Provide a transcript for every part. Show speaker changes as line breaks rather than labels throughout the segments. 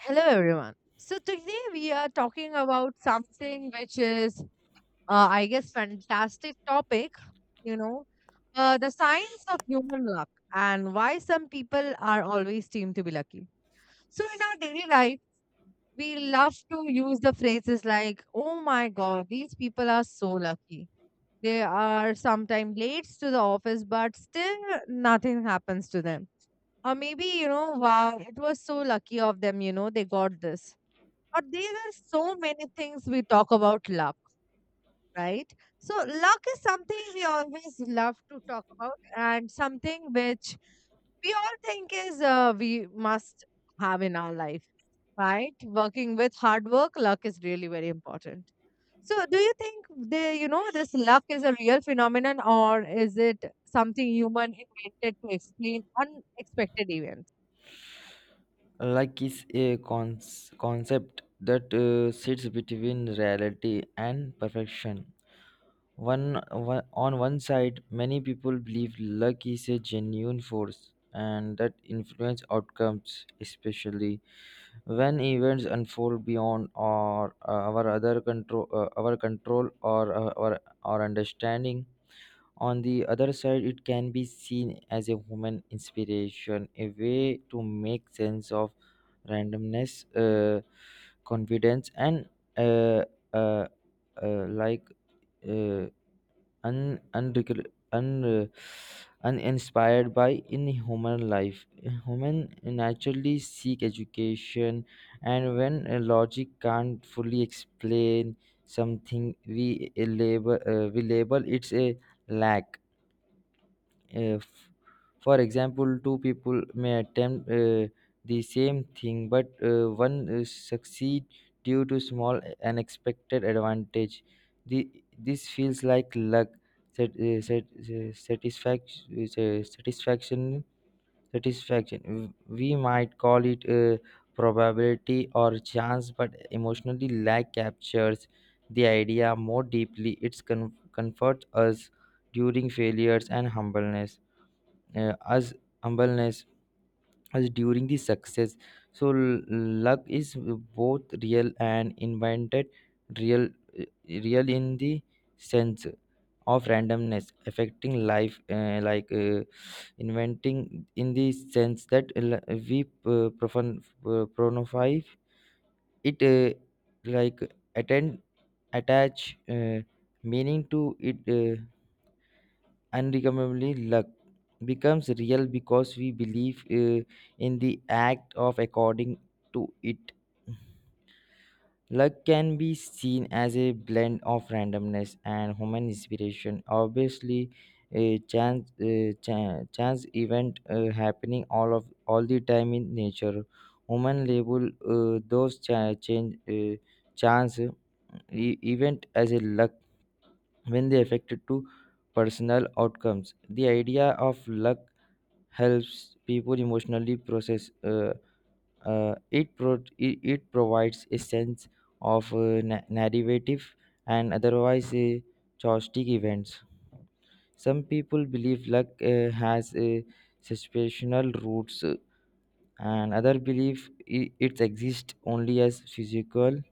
Hello, everyone. So, today we are talking about something which is, I guess, fantastic topic, you know, the science of human luck and why some people are always seem to be lucky. So, in our daily life, we love to use the phrases like, oh my God, these people are so lucky. They are sometimes late to the office, but still nothing happens to them. Or maybe, wow, it was so lucky of them, they got this, or there are so many things we talk about luck, right? So luck is something we always love to talk about, and something which we all think is, we must have in our life, right? Working with hard work, luck is really very important. So do you think the you know this luck is a real phenomenon, or is it something human invented to explain unexpected events?
Like is a concept that sits between reality and perfection. One on one side, many people believe luck is a genuine force and that influence outcomes, especially when events unfold beyond our other control, our control or our understanding. On the other side, it can be seen as a human inspiration, a way to make sense of randomness, confidence, and uh, uh, like uh, un, unrecol- un, uh, uninspired by in human life. Human naturally seek education, and when logic can't fully explain something, we label, we label it's a lack if, for example, two people may attempt the same thing, but one succeed due to small unexpected advantage. The, this feels like luck, sat, uh, sat, uh, satisfaction, uh, satisfaction, satisfaction. We might call it probability or chance, but emotionally luck captures the idea more deeply. It comforts us during failures and humbleness as humbleness as during the success. So luck is both real and invented. Real real in the sense of randomness affecting life, inventing in the sense that we pronify it, like attend attach meaning to it. Unrecoverably, luck becomes real because we believe in the act of according to it. Luck can be seen as a blend of randomness and human inspiration. Obviously, a chance chance event happening all the time in nature. Human label those cha- change chance event as a luck when they affected to personal outcomes. The idea of luck helps people emotionally process. It it provides a sense of narrative and otherwise chaotic events. Some people believe luck has a situational roots, and other believe it exists only as physical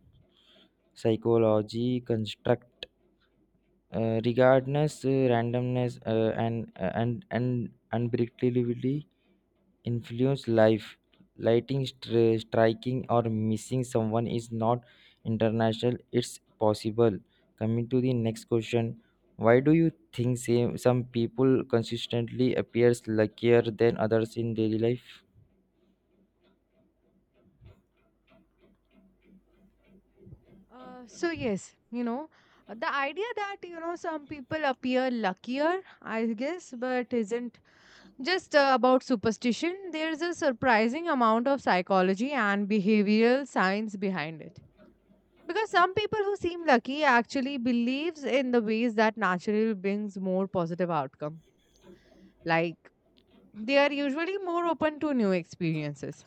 psychology construct. Regardless, randomness and unpredictability influence life. Lighting, striking, or missing someone is not international, it's possible. Coming to the next question. Why do you think some people consistently appears luckier than others in daily life?
So yes, the idea that some people appear luckier, I guess, but isn't just, about superstition, there's a surprising amount of psychology and behavioral science behind it. Because some people who seem lucky actually believes in the ways that naturally brings more positive outcome. Like, they are usually more open to new experiences.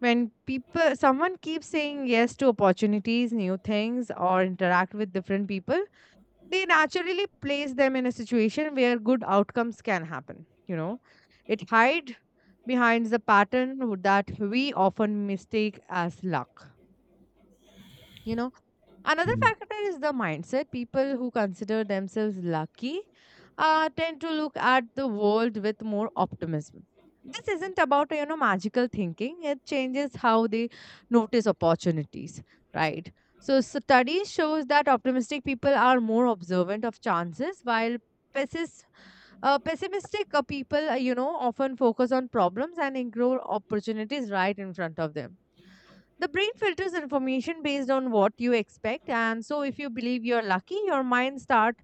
When people someone keeps saying yes to opportunities, new things, or interact with different people, they naturally place them in a situation where good outcomes can happen, it hide behind the pattern that we often mistake as luck, you know Another
Hmm.
factor is the mindset. People who consider themselves lucky, tend to look at the world with more optimism. This isn't about magical thinking. It changes how they notice opportunities, right? So studies shows that optimistic people are more observant of chances, while pessimists pessimistic people, often focus on problems and ignore opportunities right in front of them. The brain filters information based on what you expect, and so if you believe you're lucky, your mind start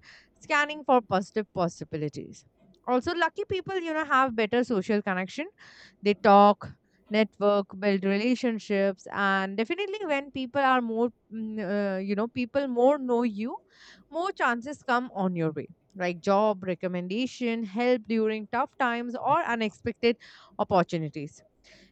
scanning for positive possibilities. Also, lucky people, have better social connection. They talk, network, build relationships, and definitely when people are more, people more know you, more chances come on your way, like job recommendation, help during tough times, or unexpected opportunities.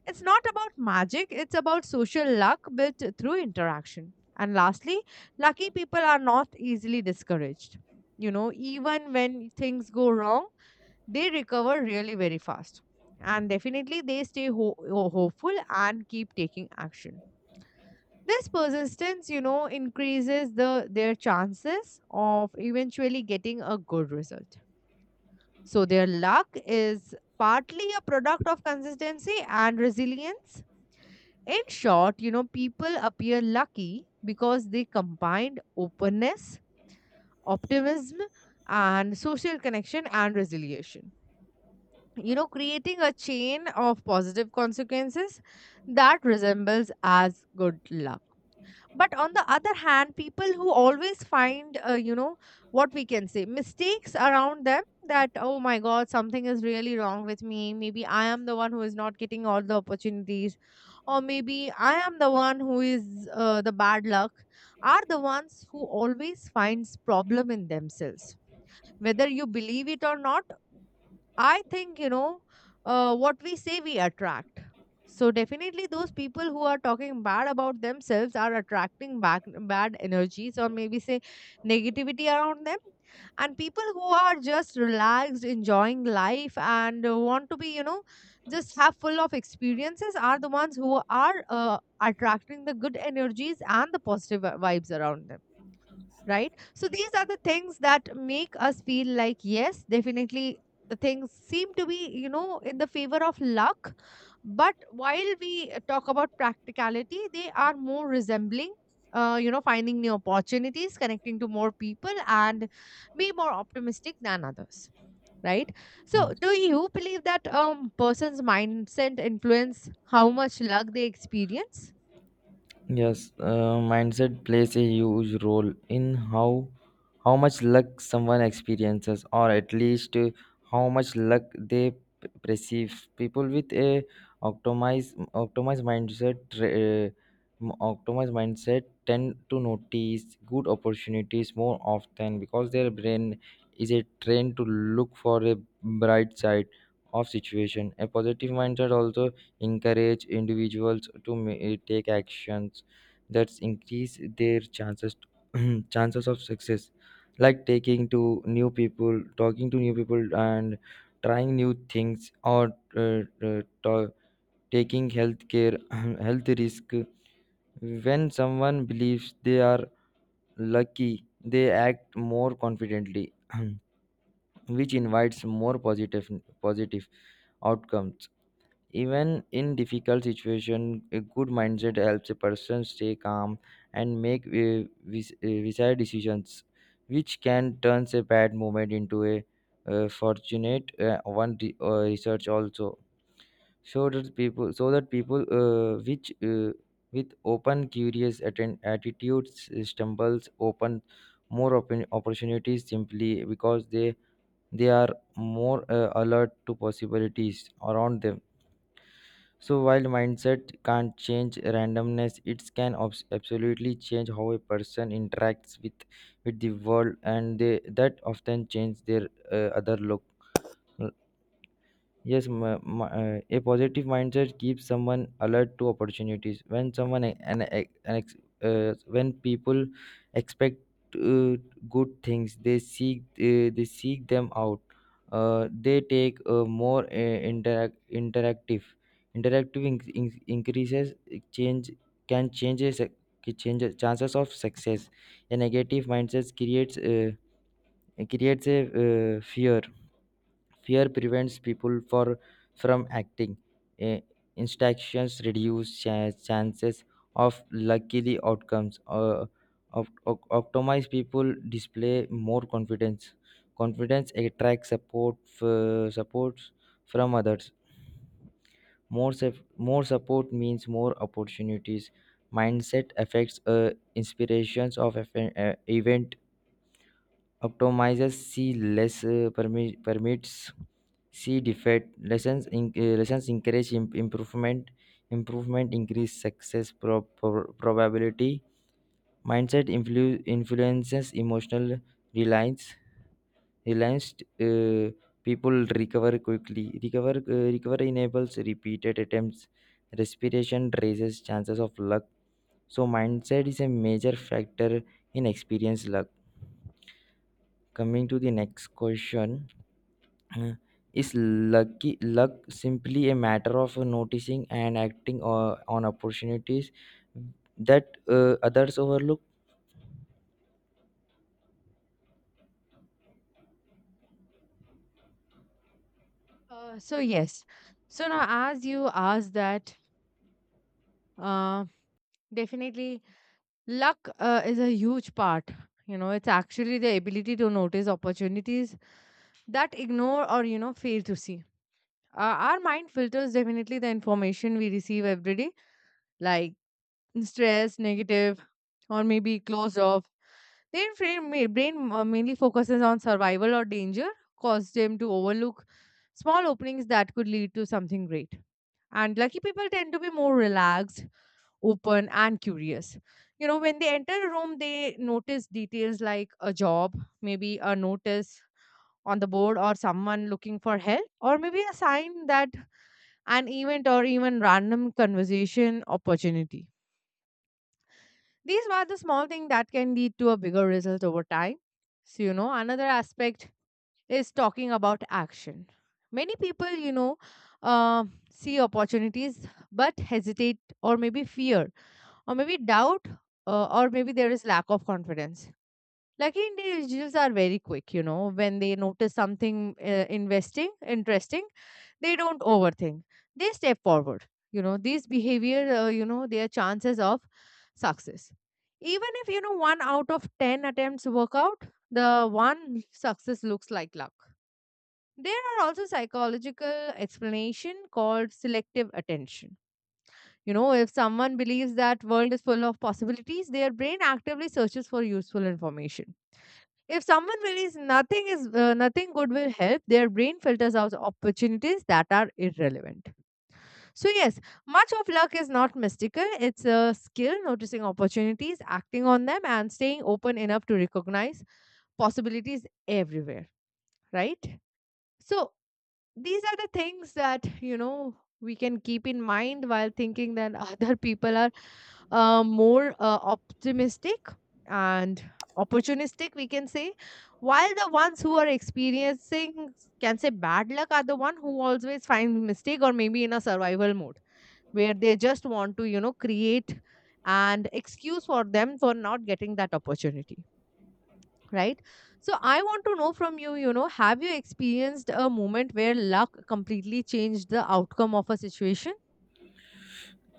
It's not about magic, it's about social luck built through interaction. And lastly, lucky people are not easily discouraged. You know, even when things go wrong, they recover really very fast. And definitely, they stay hopeful and keep taking action. This persistence, increases their chances of eventually getting a good result. So their luck is partly a product of consistency and resilience. In short, people appear lucky because they combined openness, optimism, and social connection and resilience. You know, creating a chain of positive consequences that resembles as good luck. But on the other hand, people who always find, what we can say mistakes around them, that oh my god, something is really wrong with me, maybe I am the one who is not getting all the opportunities, or maybe I am the one who is, the bad luck, are the ones who always finds problem in themselves, whether you believe it or not. I think, what we say we attract. So definitely those people who are talking bad about themselves are attracting back bad energies, or maybe say negativity around them. And people who are just relaxed, enjoying life, and want to be, just have full of experiences are the ones who are, attracting the good energies and the positive vibes around them, right? So these are the things that make us feel like, yes, definitely the things seem to be, in the favor of luck. But while we, talk about practicality, they are more resembling, finding new opportunities, connecting to more people, and be more optimistic than others. Right.
Hmm.
So, do you believe that person's mindset influence how much luck they experience?
Yes, mindset plays a huge role in how much luck someone experiences, or at least how much luck they perceive. People with a optimized mindset optimized mindset tend to notice good opportunities more often because their brain is a trained to look for a bright side of situation. A positive mindset also encourage individuals to take actions that increase their chances chances of success, like taking to new people, talking to new people, and trying new things or uh, uh, to- taking healthcare health risk. When someone believes they are lucky, they act more confidently which invites more positive positive outcomes. Even in difficult situation, a good mindset helps a person stay calm and make desired decisions, which can turn a bad moment into a fortunate one. Research also showed that people so that people which with open, curious attitudes stumbles open more open opportunities simply because they are more alert to possibilities around them. So while mindset can't change randomness, it can absolutely change how a person interacts with the world, and they, that often change their other look. Yes, a positive mindset keeps someone alert to opportunities. When someone e- an ex, when people expect uh, good things, they seek them out. They take a more interactive increases change can changes changes chances of success. A negative mindset creates a fear. Fear prevents people for, from acting. Eh, Instructions reduce chances of luckily outcomes. Optimize people display more confidence. Confidence supports from others. More support means more opportunities. Mindset affects inspirations of event. Optimizes C less permits C defect lessons lessons encourage improvement. Improvement increase success probability. Mindset influences emotional reliance reliance uh, People recover quickly recover recover enables repeated attempts. Respiration raises chances of luck. So mindset is a major factor in experience luck. Coming to the next question. Uh, is luck simply a matter of noticing and acting on opportunities that others overlook?
So yes. So now, as you asked that, uh, definitely, luck, is a huge part. You know, it's actually the ability to notice opportunities that ignore, or, fail to see. Uh, our mind filters definitely the information we receive every day, like stress, negative, or maybe closed off. Their brain, brain, mainly focuses on survival or danger, cause them to overlook small openings that could lead to something great. And lucky people tend to be more relaxed, open and curious. You know, when they enter a room, they notice details like a job, maybe a notice on the board, or someone looking for help, or maybe a sign that an event or even random conversation opportunity. These are the small things that can lead to a bigger result over time. So, another aspect is talking about action. Many people, uh, see opportunities but hesitate, or maybe fear, or maybe doubt, or maybe there is lack of confidence. Lucky individuals are very quick, when they notice something, investing interesting, they don't overthink, they step forward. You know, these behavior, their chances of success, even if one out of 10 attempts work out, the one success looks like luck. There are also psychological explanation called selective attention. You know, if someone believes that world is full of possibilities, their brain actively searches for useful information. If someone believes nothing is, nothing good will help, their brain filters out opportunities that are irrelevant. So yes, much of luck is not mystical. It's a skill, noticing opportunities, acting on them, and staying open enough to recognize possibilities everywhere, right? So these are the things that we can keep in mind while thinking that other people are, more, optimistic and opportunistic we can say, while the ones who are experiencing, can say, bad luck are the one who always find mistake, or maybe in a survival mode, where they just want to, create an excuse for them for not getting that opportunity, right? So I want to know from you, you know have you experienced a moment where luck completely changed the outcome of a situation?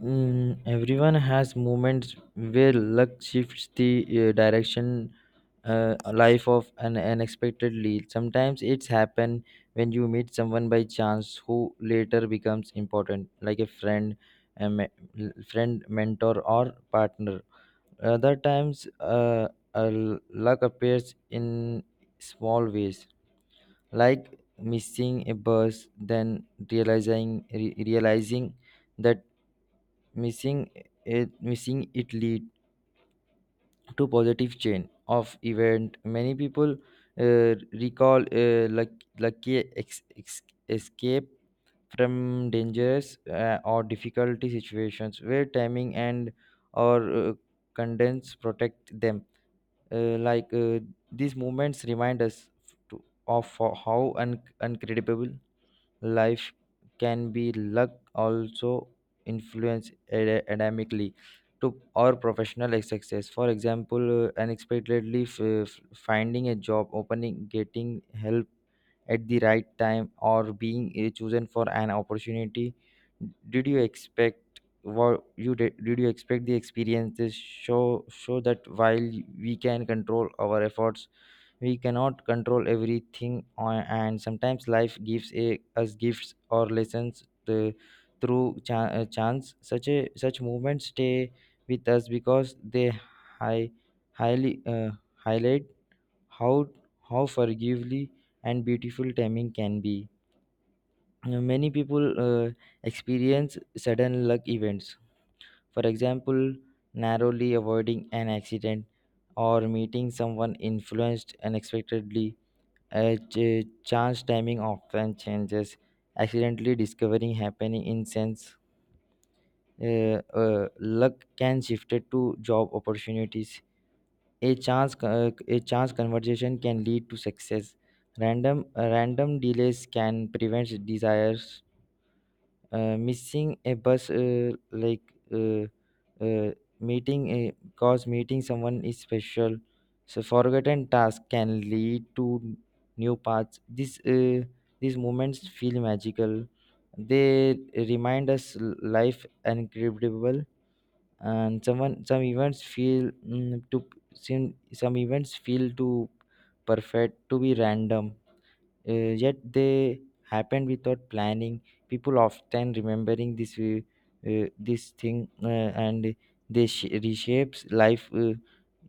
Mm, everyone has moments where luck shifts the direction life of an unexpectedly. Sometimes it's happen when you meet someone by chance who later becomes important, like a friend, a me- friend mentor, or partner. Other times, uh, luck appears in small ways, like missing a bus, then realizing that missing missing it lead to positive chain of event. Many people lucky escape from dangerous or difficulty situations where timing and or condense protect them. uh, like uh, these moments remind us of how incredible life can be. Luck also influence academically to our professional success. For example, unexpectedly finding a job opening, getting help at the right time, or being chosen for an opportunity. Did you expect what you did, did you expect the experiences show that while we can control our efforts, we cannot control everything on, and sometimes life gives us gifts or lessons through chance. Such a such movements stay with us because they high, highly highlight how how forgively and beautiful timing can be. Many people experience sudden luck events. For example, narrowly avoiding an accident or meeting someone influenced unexpectedly. A chance timing often changes. Accidentally discovering happening in sense. Luck can shift it to job opportunities. A chance conversation can lead to success. Random delays can prevent desires, missing a bus. Like uh, uh, meeting a cause Meeting someone is special, so forgotten task can lead to new paths. This These moments feel magical. They remind us life incredible. And someone some events feel mm, to Some events feel too perfect to be random, yet they happened without planning. People often remembering this thing, and they reshapes life uh,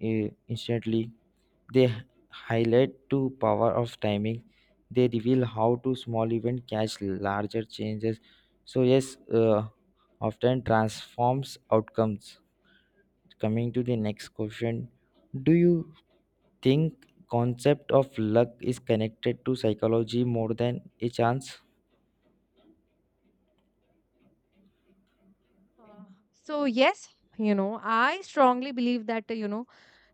uh, instantly. They highlight to power of timing. They reveal how to small event catch larger changes. So yes, often transforms outcomes. Coming to the next question, do you think concept of luck is connected to psychology more than a chance?
Uh, so yes, I strongly believe that,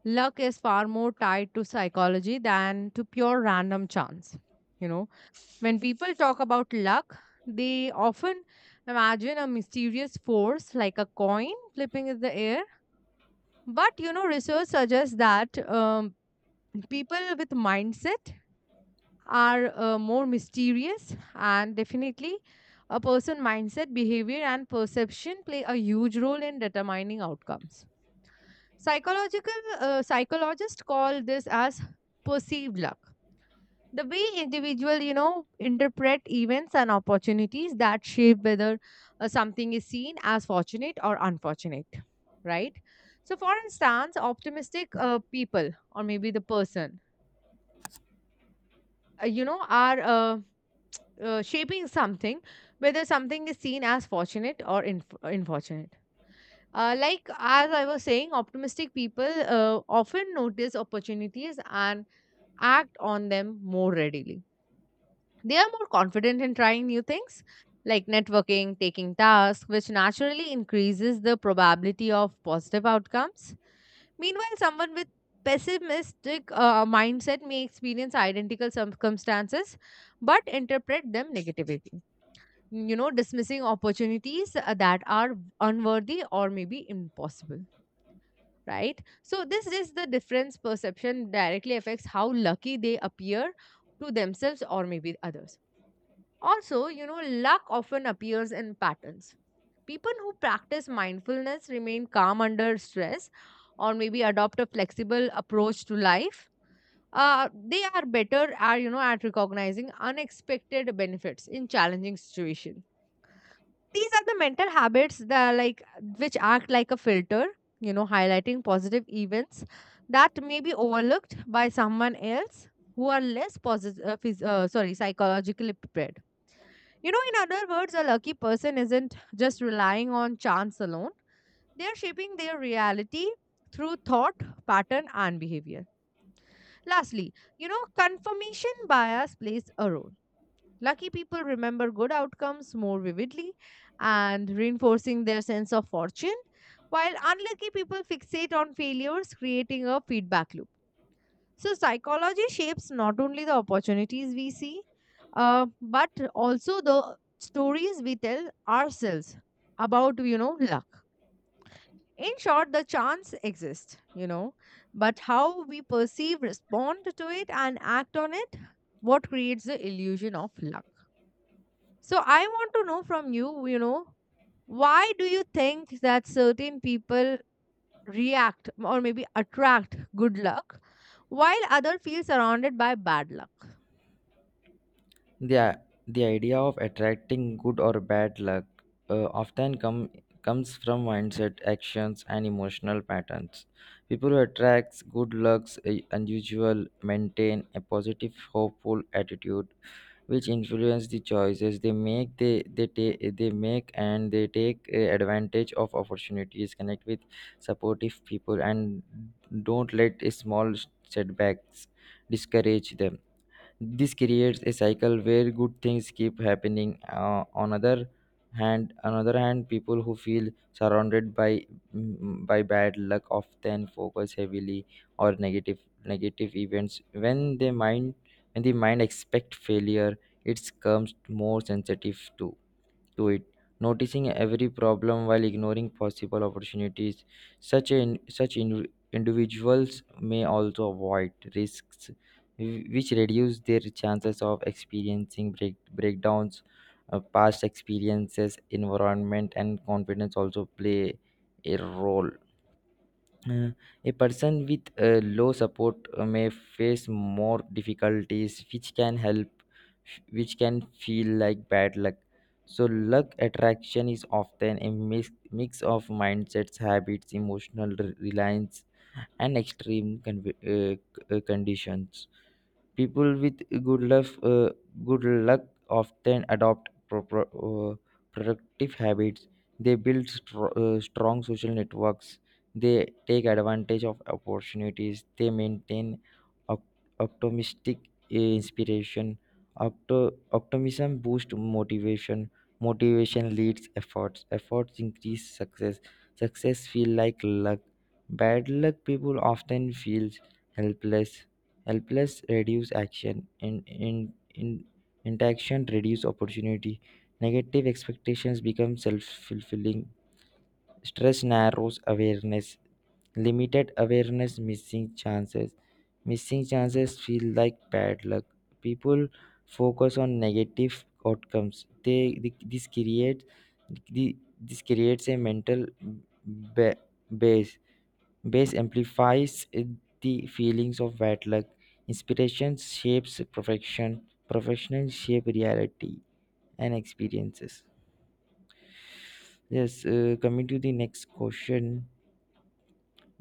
luck is far more tied to psychology than to pure random chance. You know, when people talk about luck, they often imagine a mysterious force like a coin flipping in the air. But research suggests that, people with mindset are, more mysterious, and definitely a person mindset, behavior, and perception play a huge role in determining outcomes. Psychological Psychologists call this as perceived luck, the way individual, interpret events and opportunities that shape whether, something is seen as fortunate or unfortunate, right? So for instance, optimistic, people or maybe the person, are, shaping something, whether something is seen as fortunate or unfortunate. Like as I was saying, optimistic people, often notice opportunities and act on them more readily. They are more confident in trying new things, like networking, taking tasks, which naturally increases the probability of positive outcomes. Meanwhile, someone with pessimistic, mindset may experience identical circumstances but interpret them negatively, dismissing opportunities, that are unworthy or maybe impossible, right? So this is the difference. Perception directly affects how lucky they appear to themselves or maybe others. Also, luck often appears in patterns. People who practice mindfulness remain calm under stress, or maybe adopt a flexible approach to life, they are better are at recognizing unexpected benefits in challenging situations. These are the mental habits that like, which act like a filter, highlighting positive events that may be overlooked by someone else who are less positive, sorry, psychologically prepared. You know, in other words, a lucky person isn't just relying on chance alone. They're shaping their reality through thought, pattern, and behavior. Lastly, confirmation bias plays a role. Lucky people remember good outcomes more vividly, and reinforcing their sense of fortune, while unlucky people fixate on failures, creating a feedback loop. So, psychology shapes not only the opportunities we see, but also the stories we tell ourselves about, luck. In short, the chance exists, but how we perceive, respond to it, and act on it, what creates the illusion of luck. So I want to know from you, why do you think that certain people react or maybe attract good luck, while other feel surrounded by bad luck?
The, the idea of attracting good or bad luck often comes from mindset, actions, and emotional patterns. People who attract good lucks unusual maintain a positive, hopeful attitude which influence the choices they make. They they ta- they make and they take advantage of opportunities, connect with supportive people, and don't let small setbacks discourage them. This creates a cycle where good things keep happening. On other hand, people who feel surrounded by by bad luck often focus heavily or negative events. When the mind expect failure, it becomes more sensitive to it, noticing every problem while ignoring possible opportunities. Such in, such in, Individuals may also avoid risks, which reduce their chances of experiencing breakdowns. Past experiences, environment, and confidence also play a role. uh, a person with low support may face more difficulties which can help which can feel like bad luck. So luck attraction is often a mix of mindsets, habits, emotional reliance, and extreme conditions. People with good luck, good luck, often adopt productive habits. They build strong social networks. They take advantage of opportunities. They maintain op- optimistic inspiration. Optimism boosts motivation. Motivation leads efforts. Efforts increase success. Success feel like luck. Bad luck people often feels helpless. Helpless reduce action. In Interaction reduce opportunity. Negative expectations become self-fulfilling. Stress narrows awareness. Limited awareness missing chances. Missing chances feel like bad luck. People focus on negative outcomes. They th- this creates the, this creates a mental ba- base. Bass amplifies the feelings of bad luck. Inspiration shapes perfection. Professional shape reality and experiences. Yes, coming to the next question.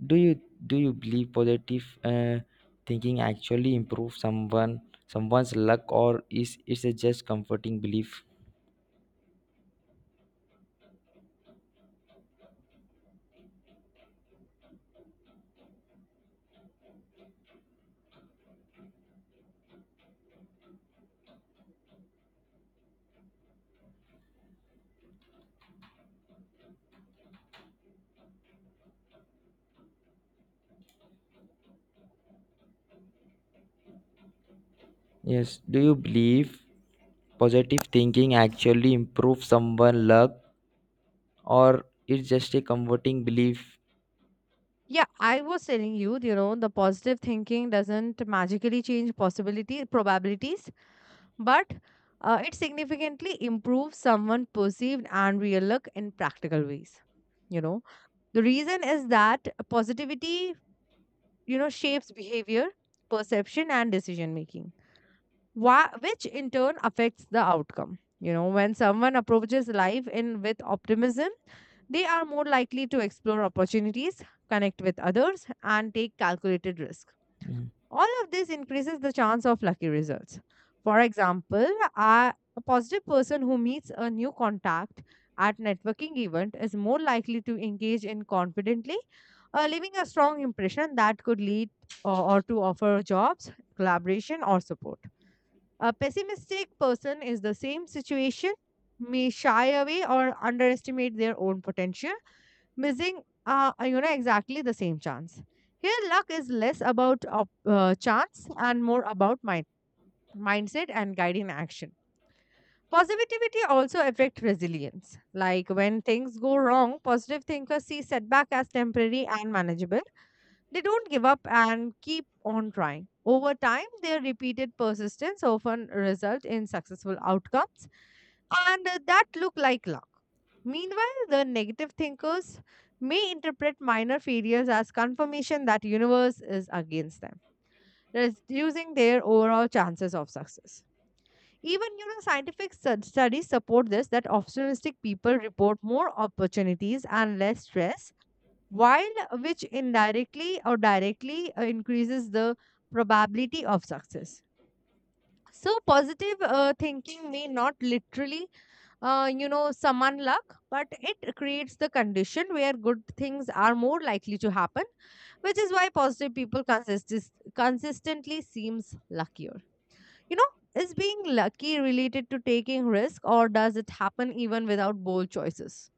Do you do you believe positive thinking actually improves someone's luck or is it's a just comforting belief? Yes. Do you believe positive thinking actually improves someone's luck or it's just a comforting belief?
Yeah, I was telling you, the positive thinking doesn't magically change possibility probabilities, but, it significantly improves someone perceived and real luck in practical ways. You know, the reason is that positivity, shapes behavior, perception, and decision making, which in turn affects the outcome. You know, when someone approaches life in with optimism, they are more likely to explore opportunities, connect with others, and take calculated risk.
Mm.
All of this increases the chance of lucky results. For example, a positive person who meets a new contact at networking event is more likely to engage in confidently, leaving a strong impression that could lead, or to offer jobs, collaboration, or support. A pessimistic person is the same situation, may shy away or underestimate their own potential, missing, exactly the same chance. Here, luck is less about chance and more about mindset and guiding action. Positivity also affect resilience. Like when things go wrong, positive thinkers see setback as temporary and manageable, they don't give up and keep on trying. Over time, their repeated persistence often result in successful outcomes, and, that look like luck. Meanwhile, the negative thinkers may interpret minor failures as confirmation that universe is against them, reducing their overall chances of success. Even scientific studies support this, that optimistic people report more opportunities and less stress, while which indirectly or directly, increases the probability of success. So positive, thinking may not literally, summon luck, but it creates the condition where good things are more likely to happen, which is why positive people consistently seems luckier, you know. Is being lucky related to taking risk, or does it happen even without bold choices?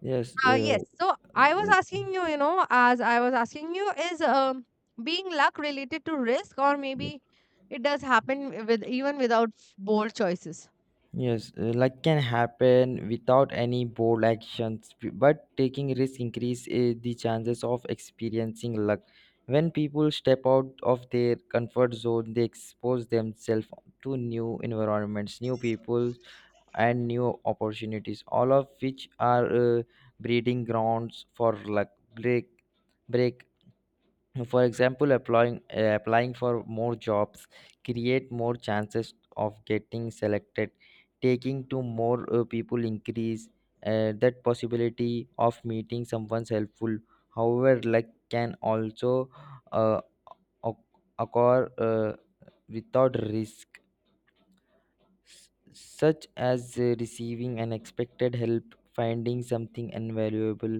Yes.
Yes. So I was
Uh,
asking you, is, being luck related to risk, or maybe it does happen with, even without bold choices?
Yes, like can happen without any bold actions, but taking risk increase the chances of experiencing luck. When people step out of their comfort zone, they expose themselves to new environments, new people, and new opportunities, all of which are breeding grounds for luck. Break, break. For example, applying for more jobs create more chances of getting selected. Taking to more people increase that possibility of meeting someone's helpful. However, luck can also uh, oc- occur without risk, such as receiving unexpected help, finding something invaluable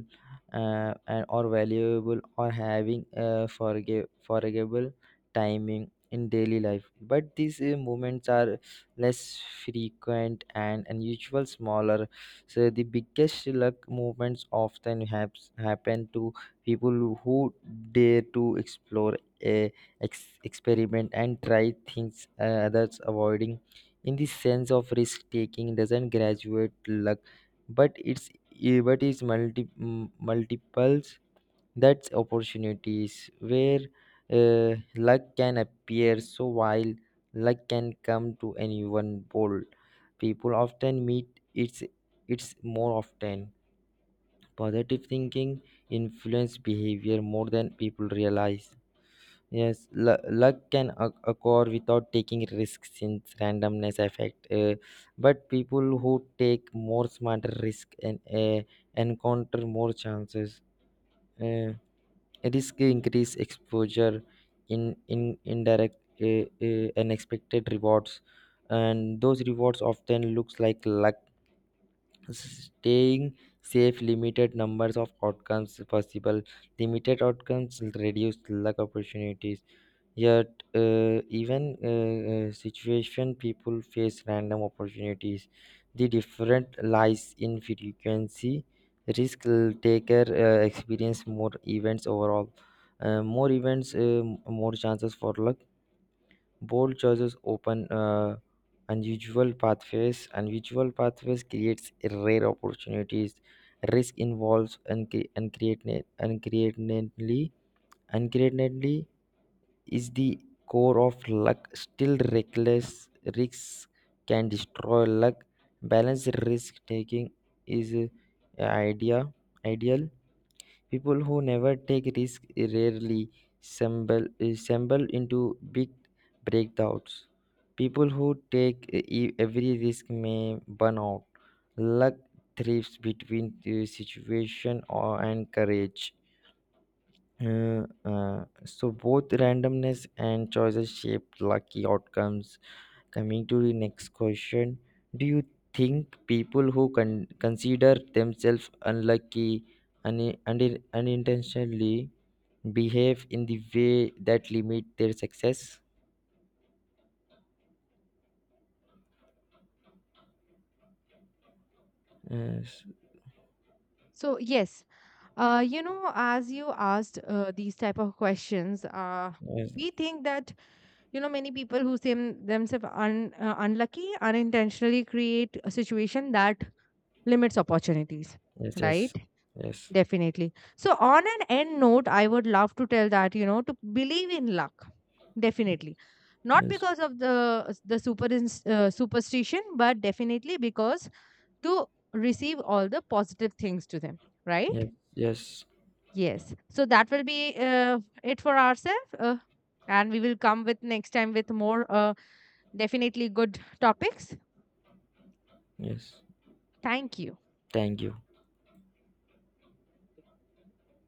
or valuable, or having a forgivable timing in daily life. But these moments are less frequent and unusual, smaller. So the biggest luck moments often happen to people who dare to explore, uh, experiment, and try things others avoiding. In the sense of risk taking doesn't graduate luck, but it's multiples that's opportunities where luck can appear. So while luck can come to anyone, bold people often meet it's more often. Positive thinking influence behavior more than people realize. Yes, luck can occur without taking risks since randomness effect. But people who take more smarter risk and encounter more chances. Uh, Risk increase exposure in indirect unexpected rewards, and those rewards often looks like luck. Staying safe, limited numbers of outcomes possible. Limited outcomes reduce luck opportunities. Yet, even situation people face random opportunities. The different lies in frequency. Taker experience more events overall. More events, more chances for luck. Bold choices open unusual pathways. Unusual pathways creates rare opportunities. Risk involves uncreatedly is the core of luck. Still, reckless risks can destroy luck. Balanced risk taking is ideal. People who never take risk rarely stumble into big breakdowns. People who take every risk may burn out. Luck thrives between the situation or and courage. So both randomness and choices shape lucky outcomes. Coming to the next question, do you think people who consider themselves unlucky unintentionally behave in the way that limit their success? Yes,
So yes, as you asked, these type of questions,
yes,
we think that, many people who seem themselves, unlucky unintentionally create a situation that limits opportunities,
yes, yes,
right?
yes,
Definitely. So, on an end note, I would love to tell that, to believe in luck. Definitely. Not
yes,
because of the superstition, but definitely because to receive all the positive things to them, right?
yes, yes,
Yes. So that will be, it for ourselves, and we will come with next time with more, definitely good topics.
yes.
Thank you.
Thank you.